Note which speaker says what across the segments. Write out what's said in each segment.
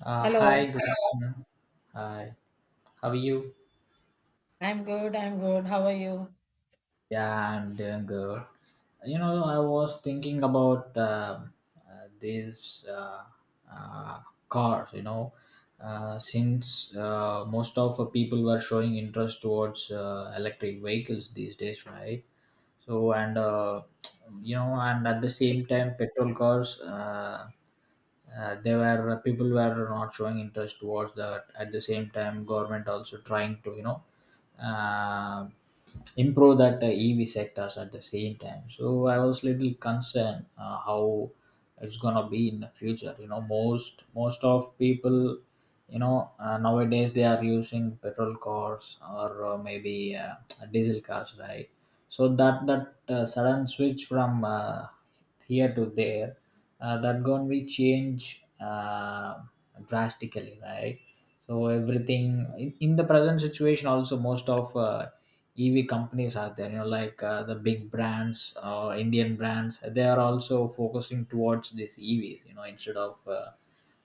Speaker 1: Hello,
Speaker 2: Hi, good afternoon. Hi, how are you?
Speaker 1: I'm good. I'm good. How are you?
Speaker 2: Yeah, I'm doing good. You know, I was thinking about these uh, cars, you know, since most of the people were showing interest towards electric vehicles these days, right? so and you know, and at the same time petrol cars, there were people were not showing interest towards that. At the same time government also trying to, you know, uh, improve that ev sectors at the same time. So I was little concerned, how it's gonna be in the future. You know, most of people, you know, nowadays they are using petrol cars or maybe diesel cars, right? So that sudden switch from here to there, that going to change drastically, right? So everything, in the present situation also, most of ev companies are there, you know, like the big brands or indian brands. They are also focusing towards this evs, you know, instead of uh,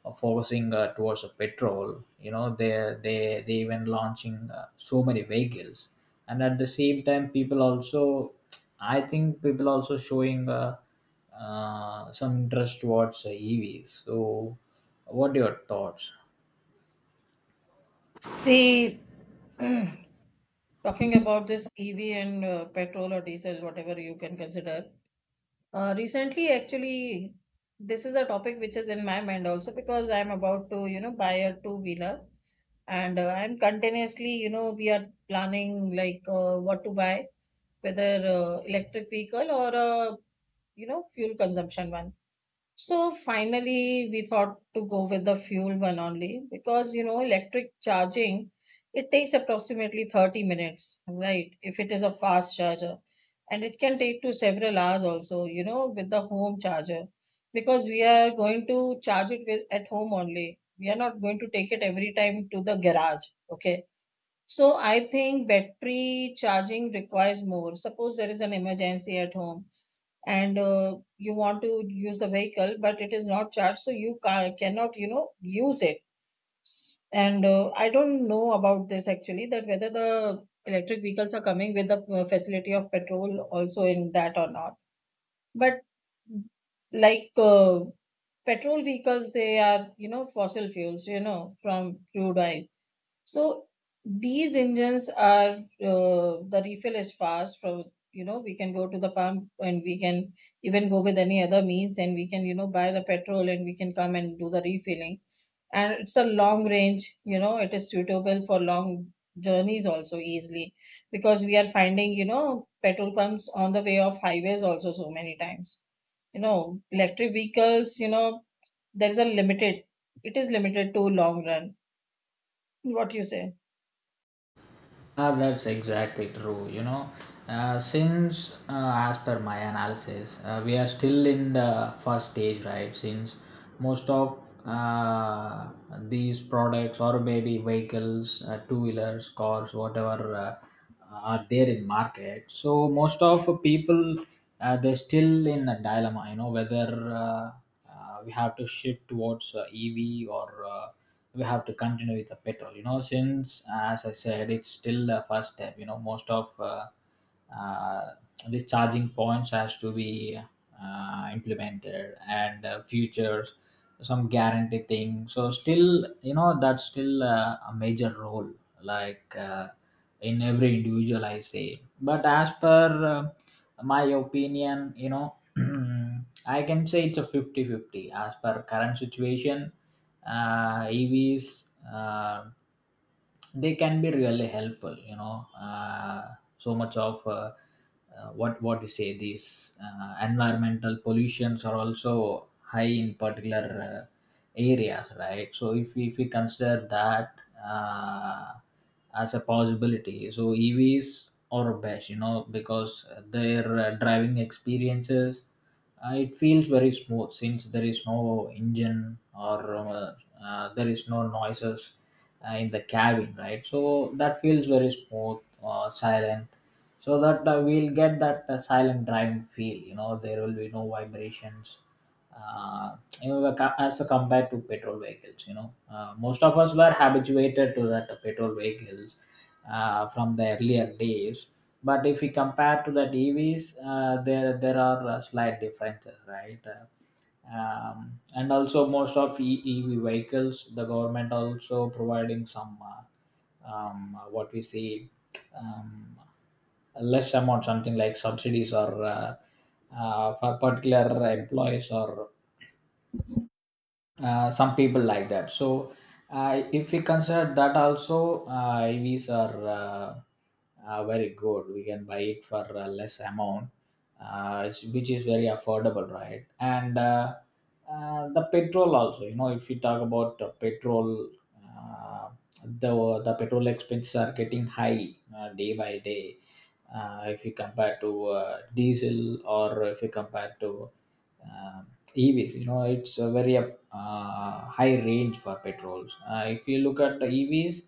Speaker 2: of focusing towards the petrol. You know, they even launching so many vehicles. And at the same time people also, I think people also showing some interest towards evs. So what are your thoughts?
Speaker 1: See, talking about this EV and petrol or diesel, whatever you can consider. Recently, actually, this is a topic which is in my mind also because I'm about to, you know, buy a two wheeler and I'm continuously, you know, we are planning like what to buy, whether electric vehicle or a, you know, fuel consumption one. So finally, we thought to go with the fuel one only because electric charging it takes approximately 30 minutes, right? If it is a fast charger, and it can take to several hours also with the home charger, because we are going to charge it with at home only. We are not going to take it every time to the garage, okay? So I think battery charging requires more. Suppose there is an emergency at home and you want to use a vehicle but it is not charged, so you cannot use it. And I don't know about this, actually, that whether the electric vehicles are coming with the facility of petrol also in that or not, but like uh, petrol vehicles, they are, fossil fuels, from crude oil. So these engines are, the refill is fast from, we can go to the pump, and we can even go with any other means, and we can buy the petrol and we can come and do the refilling, and it's a long range, it is suitable for long journeys also easily, because we are finding petrol pumps on the way of highways also so many times. Electric vehicles, there is a limited, it is limited to long run. What you say?
Speaker 2: Ah, that's exactly true. You know, since, as per my analysis, we are still in the first stage, right? Since most of uh, these products or maybe vehicles, two wheelers, cars, whatever are there in market, so most of people, they're still in a dilemma. You know whether, we have to shift towards EV or we have to continue with the petrol. You know, since as I said, it's still the first step. You know, most of uh, these charging points has to be implemented and futures some guarantee thing. So still, you know, that's still a major role. Like. In every individual I say, but as per my opinion, you know, Hmm, I can say it's a 50-50 as per current situation. EVs, uh, they can be really helpful, you know. So much of what you say, these environmental pollutions are also high in particular areas, right? So if we consider that uh, as a possibility, so EVs are best, you know, because their driving experiences, it feels very smooth since there is no engine or there is no noises in the cabin, right? So that feels very smooth, silent. So that we'll get that silent driving feel, you know, there will be no vibrations uh, you know, co- as a compared to petrol vehicles. You know, most of us were habituated to that petrol vehicles from the earlier days. But if we compare to that EVs, there are slight differences, right? And also most of EV vehicles, the government also providing some what we see, um, less amount, something like subsidies or for particular employees or some people like that. So if we consider that also, evs are uh, very good. We can buy it for a less amount. Which is very affordable, right? And the petrol also, you know, if we talk about petrol, uh, the petrol expenses are getting high day by day. If you compare to diesel, or if you compare to um evs, you know, it's very high range for petrols. If you look at the EVs,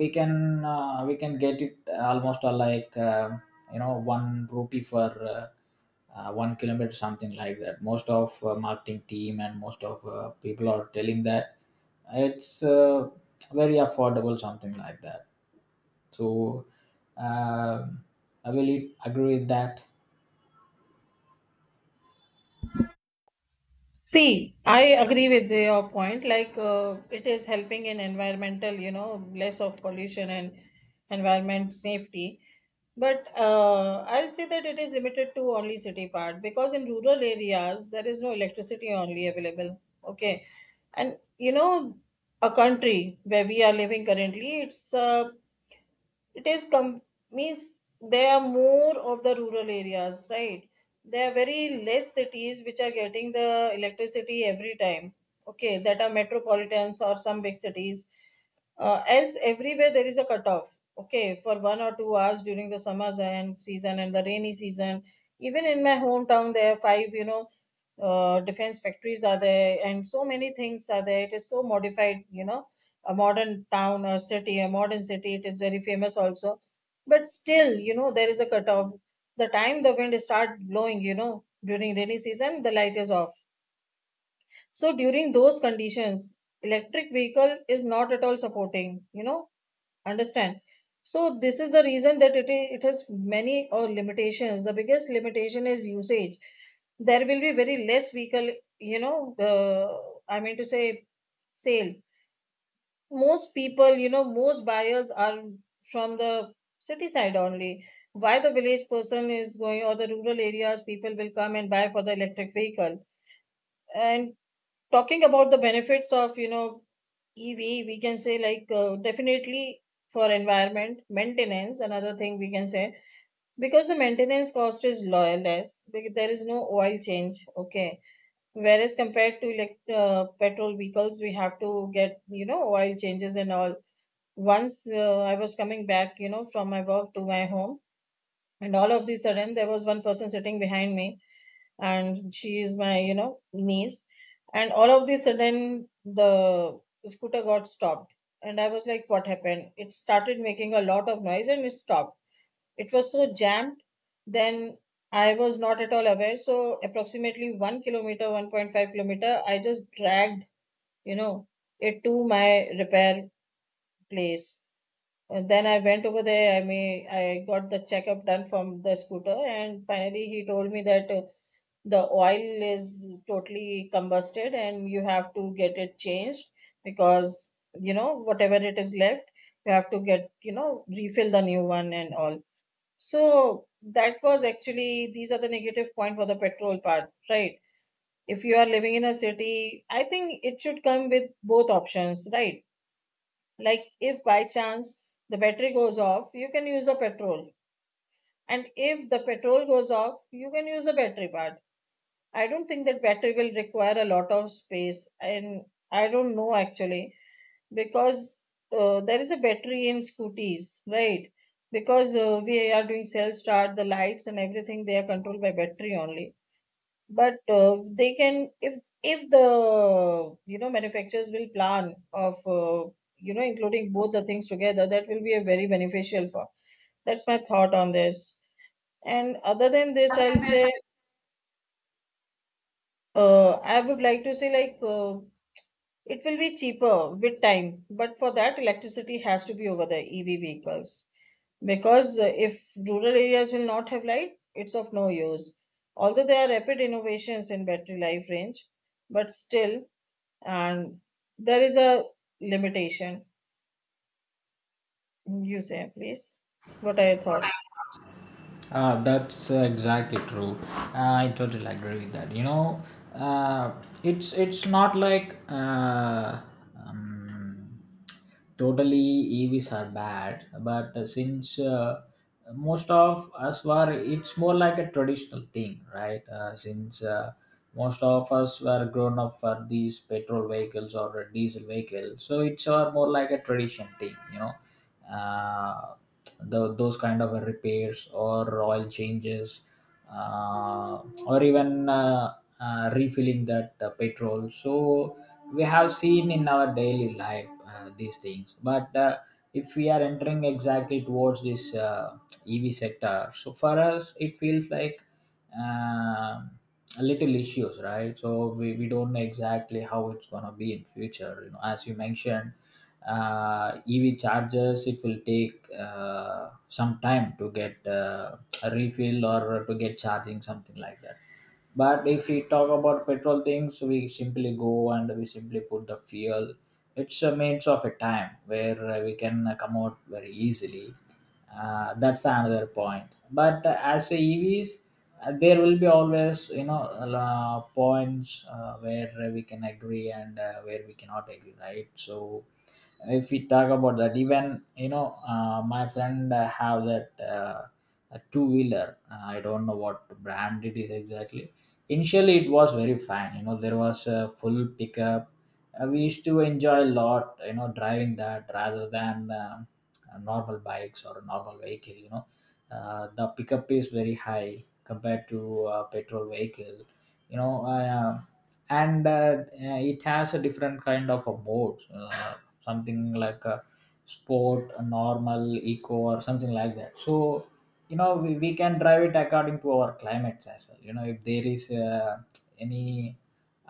Speaker 2: we can we can get it almost like you know, one rupee for 1 kilometer, something like that. Most of marketing team and most of people are telling that it's very affordable, something like that. So um I will agree with that.
Speaker 1: See, I agree with your point. Like, it is helping in environmental, less of pollution and environment safety. But I'll say that it is limited to only city part, because in rural areas there is no electricity only available. Okay, and a country where we are living currently, it is com- means they are more of the rural areas, right? There are very less cities which are getting the electricity every time, okay, that are metropolitans or some big cities. Else everywhere there is a cutoff, okay, for 1 or 2 hours during the summer and season and the rainy season. Even in my hometown there are five, defense factories are there and so many things are there, it is so modified, a modern town or city, a modern city. It is very famous also. But still, there is a cutoff. The time the wind start blowing, during rainy season, the light is off. So during those conditions, electric vehicle is not at all supporting, understand. So this is the reason that it has many or limitations. The biggest limitation is usage. There will be very less vehicle, you know, uh, I mean to say, sale. Most people, most buyers are from the city side only. Why the village person is going, or the rural areas people will come and buy for the electric vehicle? And talking about the benefits of EV, we can say, like, definitely for environment maintenance, another thing we can say, because the maintenance cost is less, because there is no oil change, okay, whereas compared to petrol vehicles, we have to get, oil changes and all. Once I was coming back, you know, from my work to my home, and all of the sudden there was one person sitting behind me, and she is my, you know, niece, and all of the sudden the scooter got stopped, and I was like, what happened? It started making a lot of noise, and it stopped. It was so jammed, then. I was not at all aware. So approximately 1 kilometer, 1.5 kilometer, I just dragged, you know, it to my repair place. And then I went over there. I mean, I got the checkup done from the scooter, and finally he told me that the oil is totally combusted and you have to get it changed, because, whatever it is left, you have to get refill the new one and all. So that was actually, these are the negative point for the petrol part, right? If you are living in a city, I think it should come with both options, right? Like, if by chance the battery goes off you can use the petrol, and if the petrol goes off you can use the battery part. I don't think that battery will require a lot of space, and I don't know actually, because there is a battery in scooties, right? Because we are doing self start, the lights and everything they are controlled by battery only. But they can, if the manufacturers will plan of, including both the things together, that will be a very beneficial for. That's my thought on this. And other than this I'll say, I would like to say, like, it will be cheaper with time, but for that electricity has to be over the EV vehicles, because if rural areas will not have light it's of no use. Although there are rapid innovations in battery life range, but still, and there is a limitation. You say, please, what are your thoughts?
Speaker 2: That's exactly true. Ah, I totally agree with that. You know, uh, it's not like um, totally EVs are bad, but since most of us were, it's more like a traditional thing, right? Since most of us were grown up for these petrol vehicles or diesel vehicles, so it's more like a tradition thing, you know, uh, those kind of repairs or oil changes, or even refilling that petrol. So we have seen in our daily life these things. But if we are entering exactly towards this ev sector, so for us it feels like um a little issues, right? So we don't know exactly how it's going to be in future. You know, as you mentioned, EV chargers, it will take some time to get a refill or to get charging, something like that. But if we talk about petrol things, we simply go and we simply put the fuel. It's a means of a time where we can come out very easily. That's another point. But as a EVs, there will be always, you know, points where we can agree and where we cannot agree, right? So if we talk about that, even you know, my friend have that. A two wheeler. I don't know what brand it is exactly. Initially, it was very fine. You know, there was a full pickup. We used to enjoy a lot. You know, driving that rather than normal bikes or a normal vehicle. You know, the pickup is very high compared to petrol vehicle. You know, and it has a different kind of a mode. Something like a sport, a normal, eco, or something like that. So you know, we can drive it according to our climates as well. You know, if there is any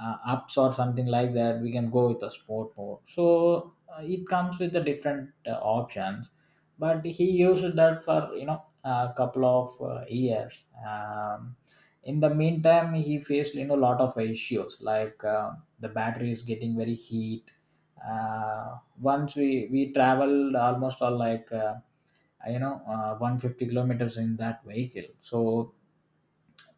Speaker 2: ups or something like that, we can go with a sport mode. So it comes with the different options. But he used that for, you know, a couple of years. In the meantime he faced, you know, a lot of issues like the battery is getting very heat. Once we traveled almost all like, 150 kilometers in that vehicle. So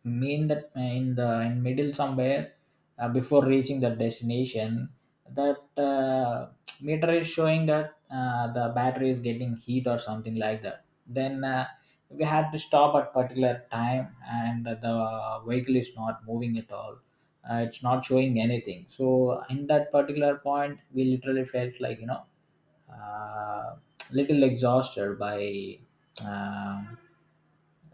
Speaker 2: mean that in the in middle somewhere, before reaching the destination, that meter is showing that the battery is getting heat or something like that. Then we had to stop at particular time and the vehicle is not moving at all. It's not showing anything. So in that particular point we literally felt, like, you know, uh, little exhausted by um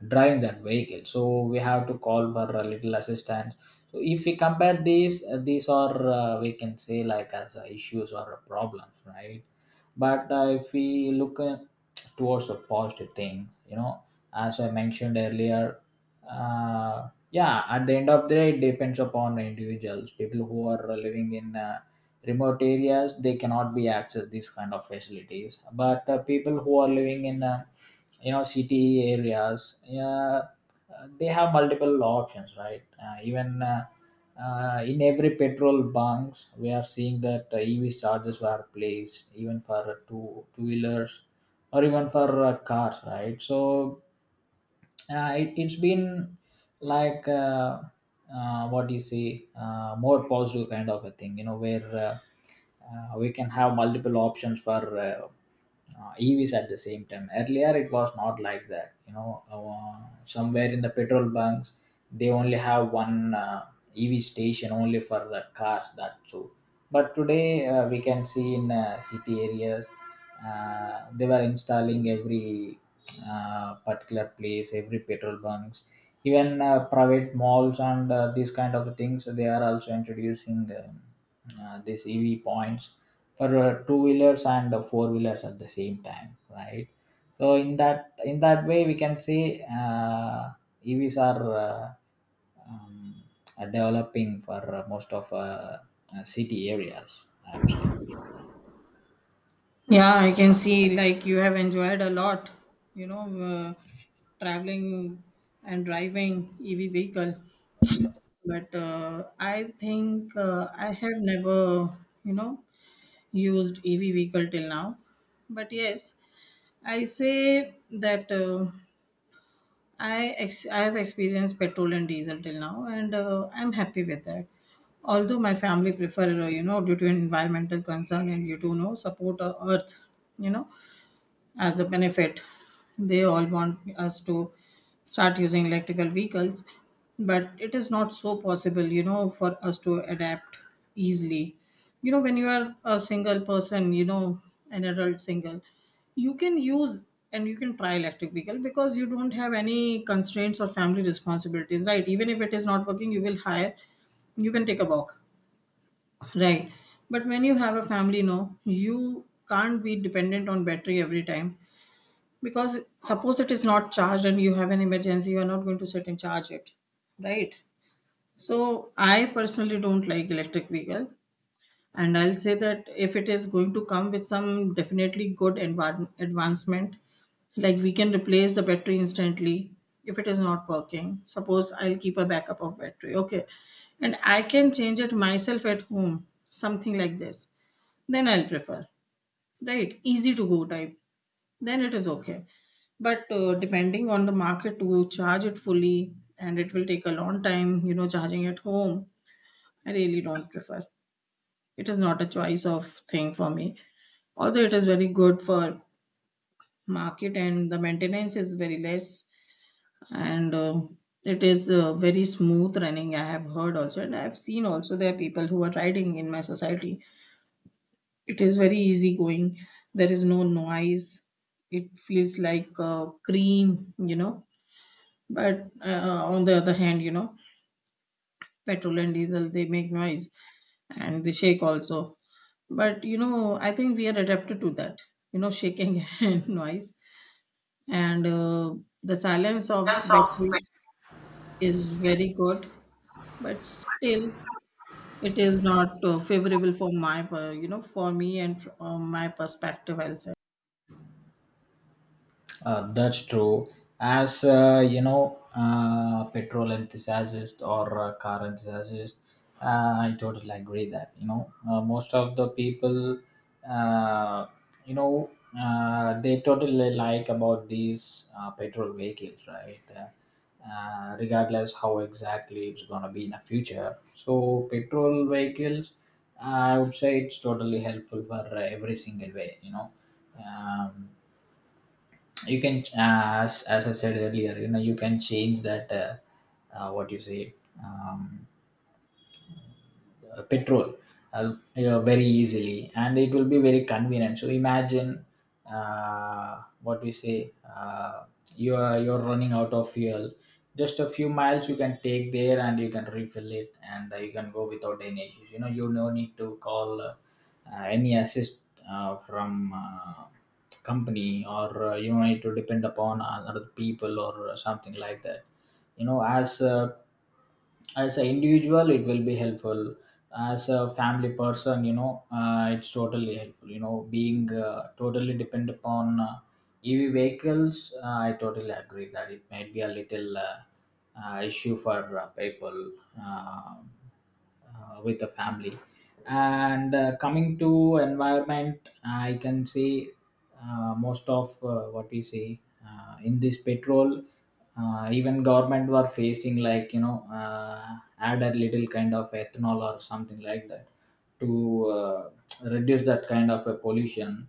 Speaker 2: driving that vehicle. So we have to call for a little assistance. So if we compare these, these are we can say like as issues or a problems, right? But if we look towards the positive thing, you know, as I mentioned earlier, yeah, at the end of the day it depends upon individuals. People who are living in remote areas they cannot be access these kind of facilities. But people who are living in you know, city areas, yeah, they have multiple options, right? Even in every petrol bunks we are seeing that ev chargers were placed even for two wheelers or even for cars, right? So it's been like what do you see, more positive kind of a thing, you know, where we can have multiple options for evs. At the same time earlier it was not like that. You know, somewhere in the petrol bunks they only have one ev station only for the cars, that too. But today we can see in city areas, they were installing every particular place, every petrol bunks. Even private malls and these kind of things, they are also introducing these ev points for two wheelers and four wheelers at the same time, right? So in that way we can say evs um, are developing for most of city areas, actually.
Speaker 1: Yeah, I can see like you have enjoyed a lot, you know, uh, traveling and driving EV vehicle. But I think I have never, you know, used EV vehicle till now. But yes, I'll say that. I have experienced petrol and diesel till now, and I'm happy with that. Although my family prefer, due to environmental concern, and you do know support Earth, you know, as a benefit. They all want us to start using electrical vehicles, but it is not so possible, for us to adapt easily. When you are a single person, an adult single, you can use and you can try electric vehicle, because you don't have any constraints or family responsibilities, right? Even if it is not working, you will hire, you can take a walk. Right. But when you have a family, no, you can't be dependent on battery every time. Because suppose it is not charged and you have an emergency, you are not going to sit and charge it, right? So I personally don't like electric vehicle, and I'll say that if it is going to come with some definitely good advancement, like we can replace the battery instantly if it is not working. Suppose I'll keep a backup of battery, okay, and I can change it myself at home, something like this. Then I'll prefer, right? Easy to go type. Then it is okay. But depending on the market to charge it fully, and it will take a long time, charging at home, I really don't prefer. It is not a choice of thing for me. Although it is very good for market and the maintenance is very less, and it is very smooth running. I have heard also, and I have seen also there are people who are riding in my society. It is very easy going. There is no noise. It feels like cream. But on the other hand, petrol and diesel, they make noise and they shake also. But, I think we are adapted to that, shaking and noise. And the silence of
Speaker 2: Terms of
Speaker 1: battery is very good, but still it is not favorable for my, per- you know, for me, and from my perspective, I'll say.
Speaker 2: That's true. As you know, petrol enthusiast or car enthusiast, I totally agree that, you know, most of the people, uh, you know, they totally like about these petrol vehicles, right? Regardless how exactly it's gonna be in the future. So petrol vehicles, I would say it's totally helpful for every single way. You know. Um, you can as I said earlier, you know, you can change that what you say, um, petrol you very easily, and it will be very convenient. So imagine what we say, you're running out of fuel, just a few miles you can take there and you can refill it, and you can go without any issues. You know, you no need to call any assist from company, or you don't need to depend upon other people or something like that. You know, as an individual, it will be helpful. As a family person, you know, it's totally helpful. You know, being totally depend upon EV vehicles, I totally agree that it might be a little issue for people um, with the family. And coming to environment, I can say most of what we say, in this petrol, even government were facing like, you know, add a little kind of ethanol or something like that to reduce that kind of a pollution.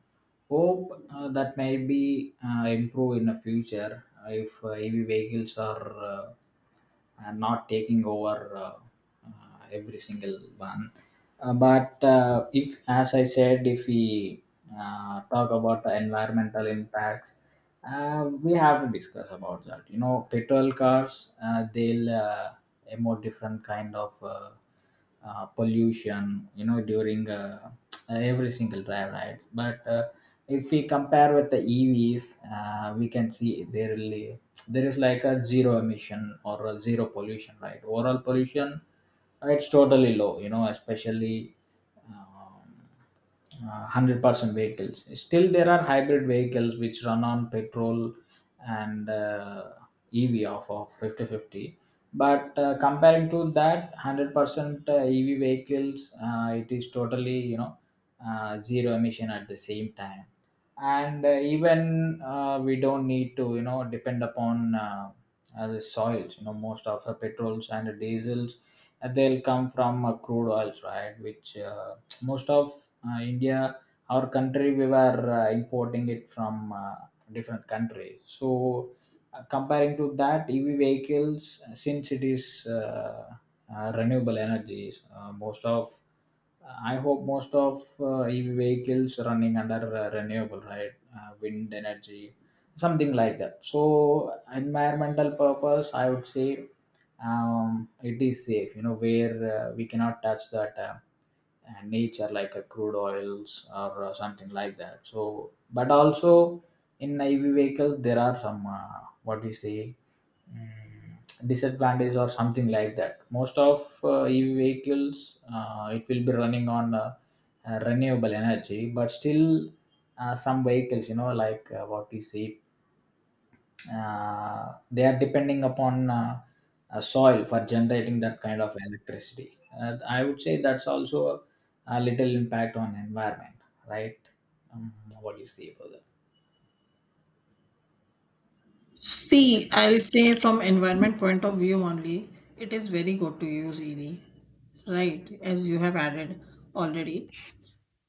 Speaker 2: Hope that may be improve in the future if EV vehicles are. I'm not taking over every single one. But if, as I said, if we talk about the environmental impacts, we have to discuss about that. You know, petrol cars, they'll a more different kind of pollution, you know, during every single drive, right? But if we compare with the EVs, we can see there really there is like a zero emission or a zero pollution, right? Overall pollution, it's totally low, you know, especially um, 100% vehicles. Still there are hybrid vehicles which run on petrol and EV off of 50-50, but comparing to that, 100% EV vehicles, it is totally, you know, zero emission at the same time. And even we don't need to, you know, depend upon the soils. You know, most of the petrols and the diesels, they'll come from crude oils, right? Which most of India, our country, we were importing it from different countries. So comparing to that, EV vehicles, since it is renewable energies, most of I hope most of EV vehicles running under renewable, right? Wind energy, something like that. So, environmental purpose, I would say it is safe, you know, where we cannot touch that and nature, like a crude oils or something like that. So but also in EV vehicles there are some what we say, mm, disadvantage or something like that. Most of EV vehicles it will be running on renewable energy, but still some vehicles, you know, like what we say, they are depending upon soil for generating that kind of electricity. I would say that's also a little impact on environment, right? Um, what do you see for that?
Speaker 1: See, I'll say from environment point of view only, it is very good to use EV, right? As you have added already.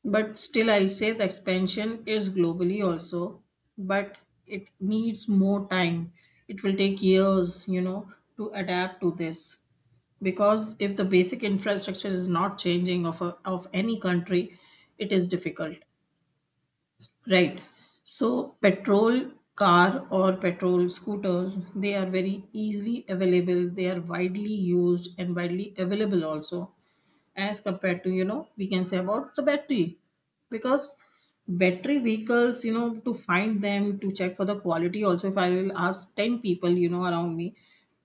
Speaker 1: But still, I'll say the expansion is globally also, but it needs more time. It will take years, to adapt to this. Because if the basic infrastructure is not changing of any country, it is difficult. Right. So petrol car or petrol scooters, they are very easily available. They are widely used and widely available also, as compared to we can say about the battery. Because battery vehicles to find them, to check for the quality also, if I will ask 10 people around me,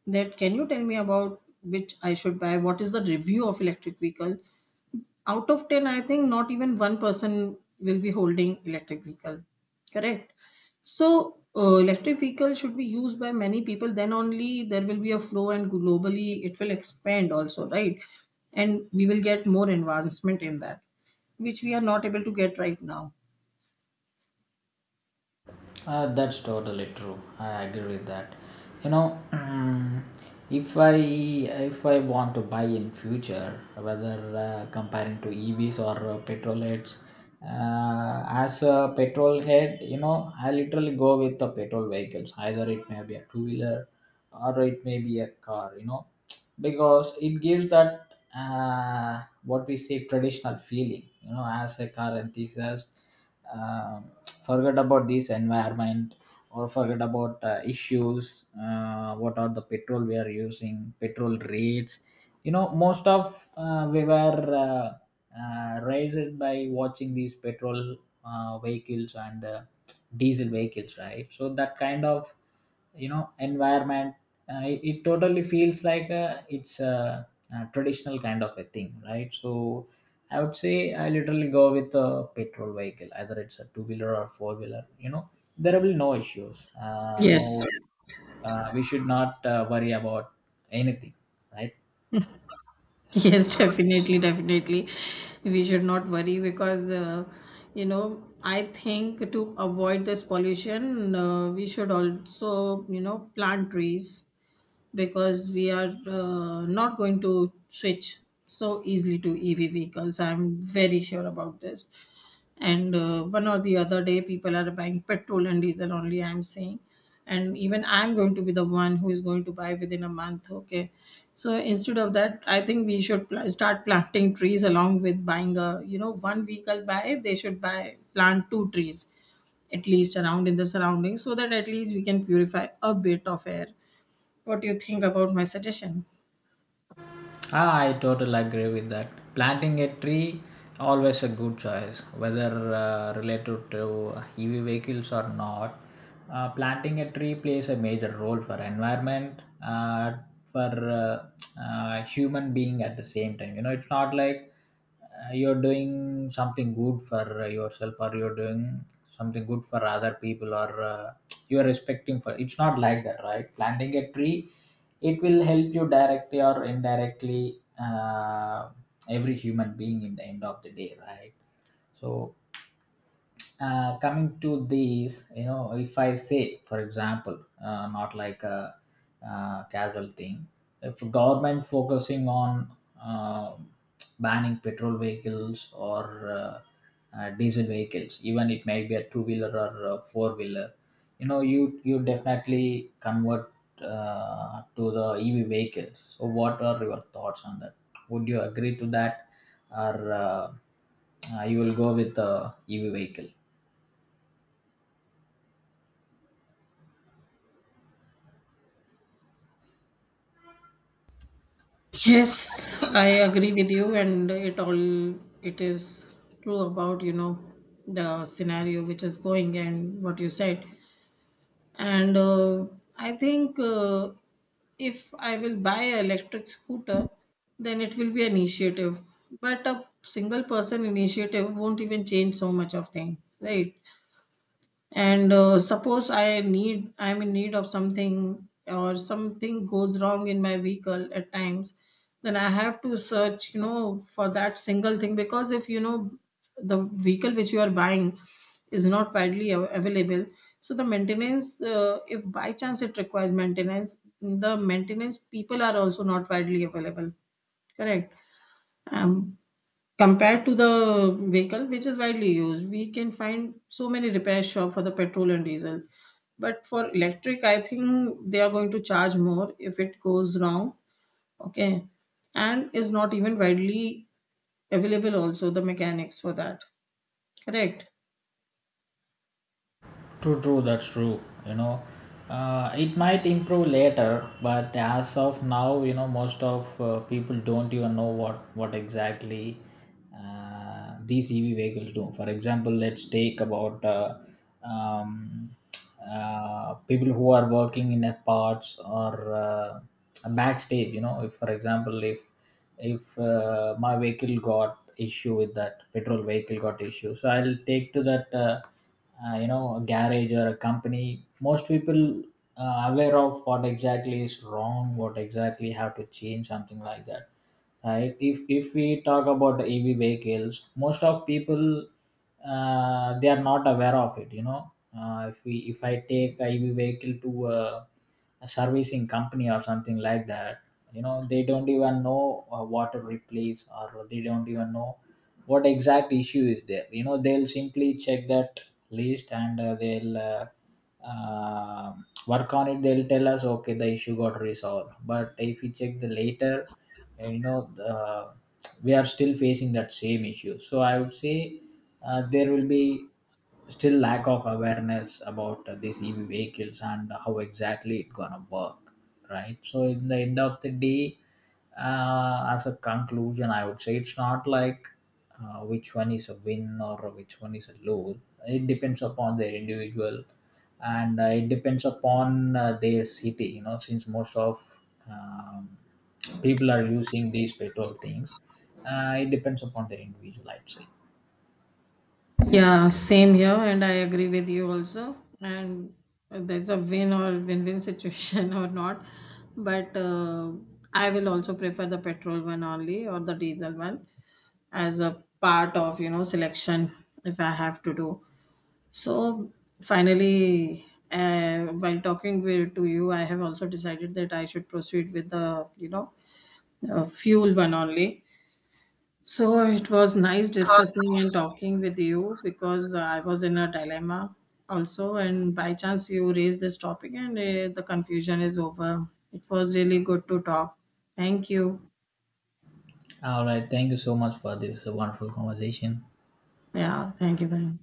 Speaker 1: that can you tell me about which I should buy? What is the review of electric vehicle? Out of 10, I think not even one person will be holding electric vehicle. Correct? So electric vehicle should be used by many people, then only there will be a flow and globally it will expand also, right? And we will get more advancement in that, which we are not able to get right now.
Speaker 2: That's totally true. I agree with that. You know, if I want to buy in future, whether comparing to EVs or petrol heads, as a petrol head, you know, I literally go with the petrol vehicles. Either it may be a two wheeler or it may be a car. You know, because it gives that what we say, traditional feeling, you know, as a car enthusiast um forget about this environment, or forget about issues, what are the petrol we are using, petrol rates, you know, most of we were uh, raised by watching these petrol vehicles and diesel vehicles, right? So that kind of, you know, environment, it totally feels like it's a traditional kind of a thing, right? So I would say I literally go with a petrol vehicle, either it's a two wheeler or four wheeler. You know, there will be no issues, no
Speaker 1: Yes.
Speaker 2: we should not worry about anything, right?
Speaker 1: Yes, definitely, definitely. We should not worry because, I think to avoid this pollution, we should also, plant trees, because we are not going to switch so easily to EV vehicles. I'm very sure about this. And one or the other day people are buying petrol and diesel only, I'm saying. And even I'm going to be the one who is going to buy within a month, okay? So instead of that, I think we should start planting trees, along with buying a, one vehicle buy, they should buy, plant two trees, at least around in the surroundings, so that at least we can purify a bit of air. What do you think about my suggestion?
Speaker 2: Ah, I totally agree with that. Planting a tree, always a good choice, whether related to EV vehicles or not. Planting a tree plays a major role for environment, for human being at the same time. You know, it's not like you're doing something good for yourself, or you're doing something good for other people, or you're respecting for. It's not like that, right? Planting a tree, it will help you directly or indirectly every human being in the end of the day, right? So coming to these, you know, if I say, for example, not like a casual thing, if government focusing on uh, banning petrol vehicles or diesel vehicles, even it may be a two wheeler or a four wheeler, you know, you definitely convert to the EV vehicles. So, what are your thoughts on that? Would you agree to that, or you will go with the EV vehicle?
Speaker 1: Yes, I agree with you, and it is true about, the scenario which is going and what you said. And I think if I will buy an electric scooter, then it will be an initiative, but a single person initiative won't even change so much of thing, right? And suppose I'm in need of something, or something goes wrong in my vehicle at times, then I have to search, for that single thing, because if the vehicle which you are buying is not widely available, so the maintenance, if by chance it requires maintenance, the maintenance people are also not widely available, correct. um, Compared to the vehicle, which is widely used, we can find so many repair shop for the petrol and diesel. But for electric, I think they are going to charge more if it goes wrong. Okay. And is not even widely available also, the mechanics for that. Correct.
Speaker 2: True, true, that's true. You know, it might improve later, but as of now, you know, most of people don't even know what exactly these EV vehicles do. For example, let's take about um, people who are working in a parts or a backstage. You know, if, for example, if my vehicle got issue, with that petrol vehicle got issue, so I'll take to that you know, a garage or a company. Most people aware of what exactly is wrong, what exactly have to change, something like that, right? If we talk about the EV vehicles, most of people they are not aware of it. You know, if I take a EV vehicle to a servicing company or something like that, you know, they don't even know what to replace, or they don't even know what exact issue is there. You know, they'll simply check that list and they'll uh, work on it. They'll tell us okay, the issue got resolved, but if we check the later, you know, we are still facing that same issue. So I would say there will be still lack of awareness about these EV vehicles and how exactly it gonna work, right? So in the end of the day, as a conclusion, I would say it's not like which one is a win or which one is a lose. It depends upon their individual, and it depends upon their city. You know, since most of um, people are using these petrol things, it depends upon their individual, I'd say.
Speaker 1: Yeah, same here, and I agree with you also. And there's a win or win-win situation or not, but I will also prefer the petrol one only, or the diesel one, as a part of, selection, if I have to do. So finally, while talking to you, I have also decided that I should proceed with the, fuel one only. So it was nice discussing and talking with you, because I was in a dilemma also, and by chance you raised this topic and the confusion is over. It was really good to talk. Thank you.
Speaker 2: All right. Thank you so much for this wonderful conversation.
Speaker 1: Yeah, thank you. Bye.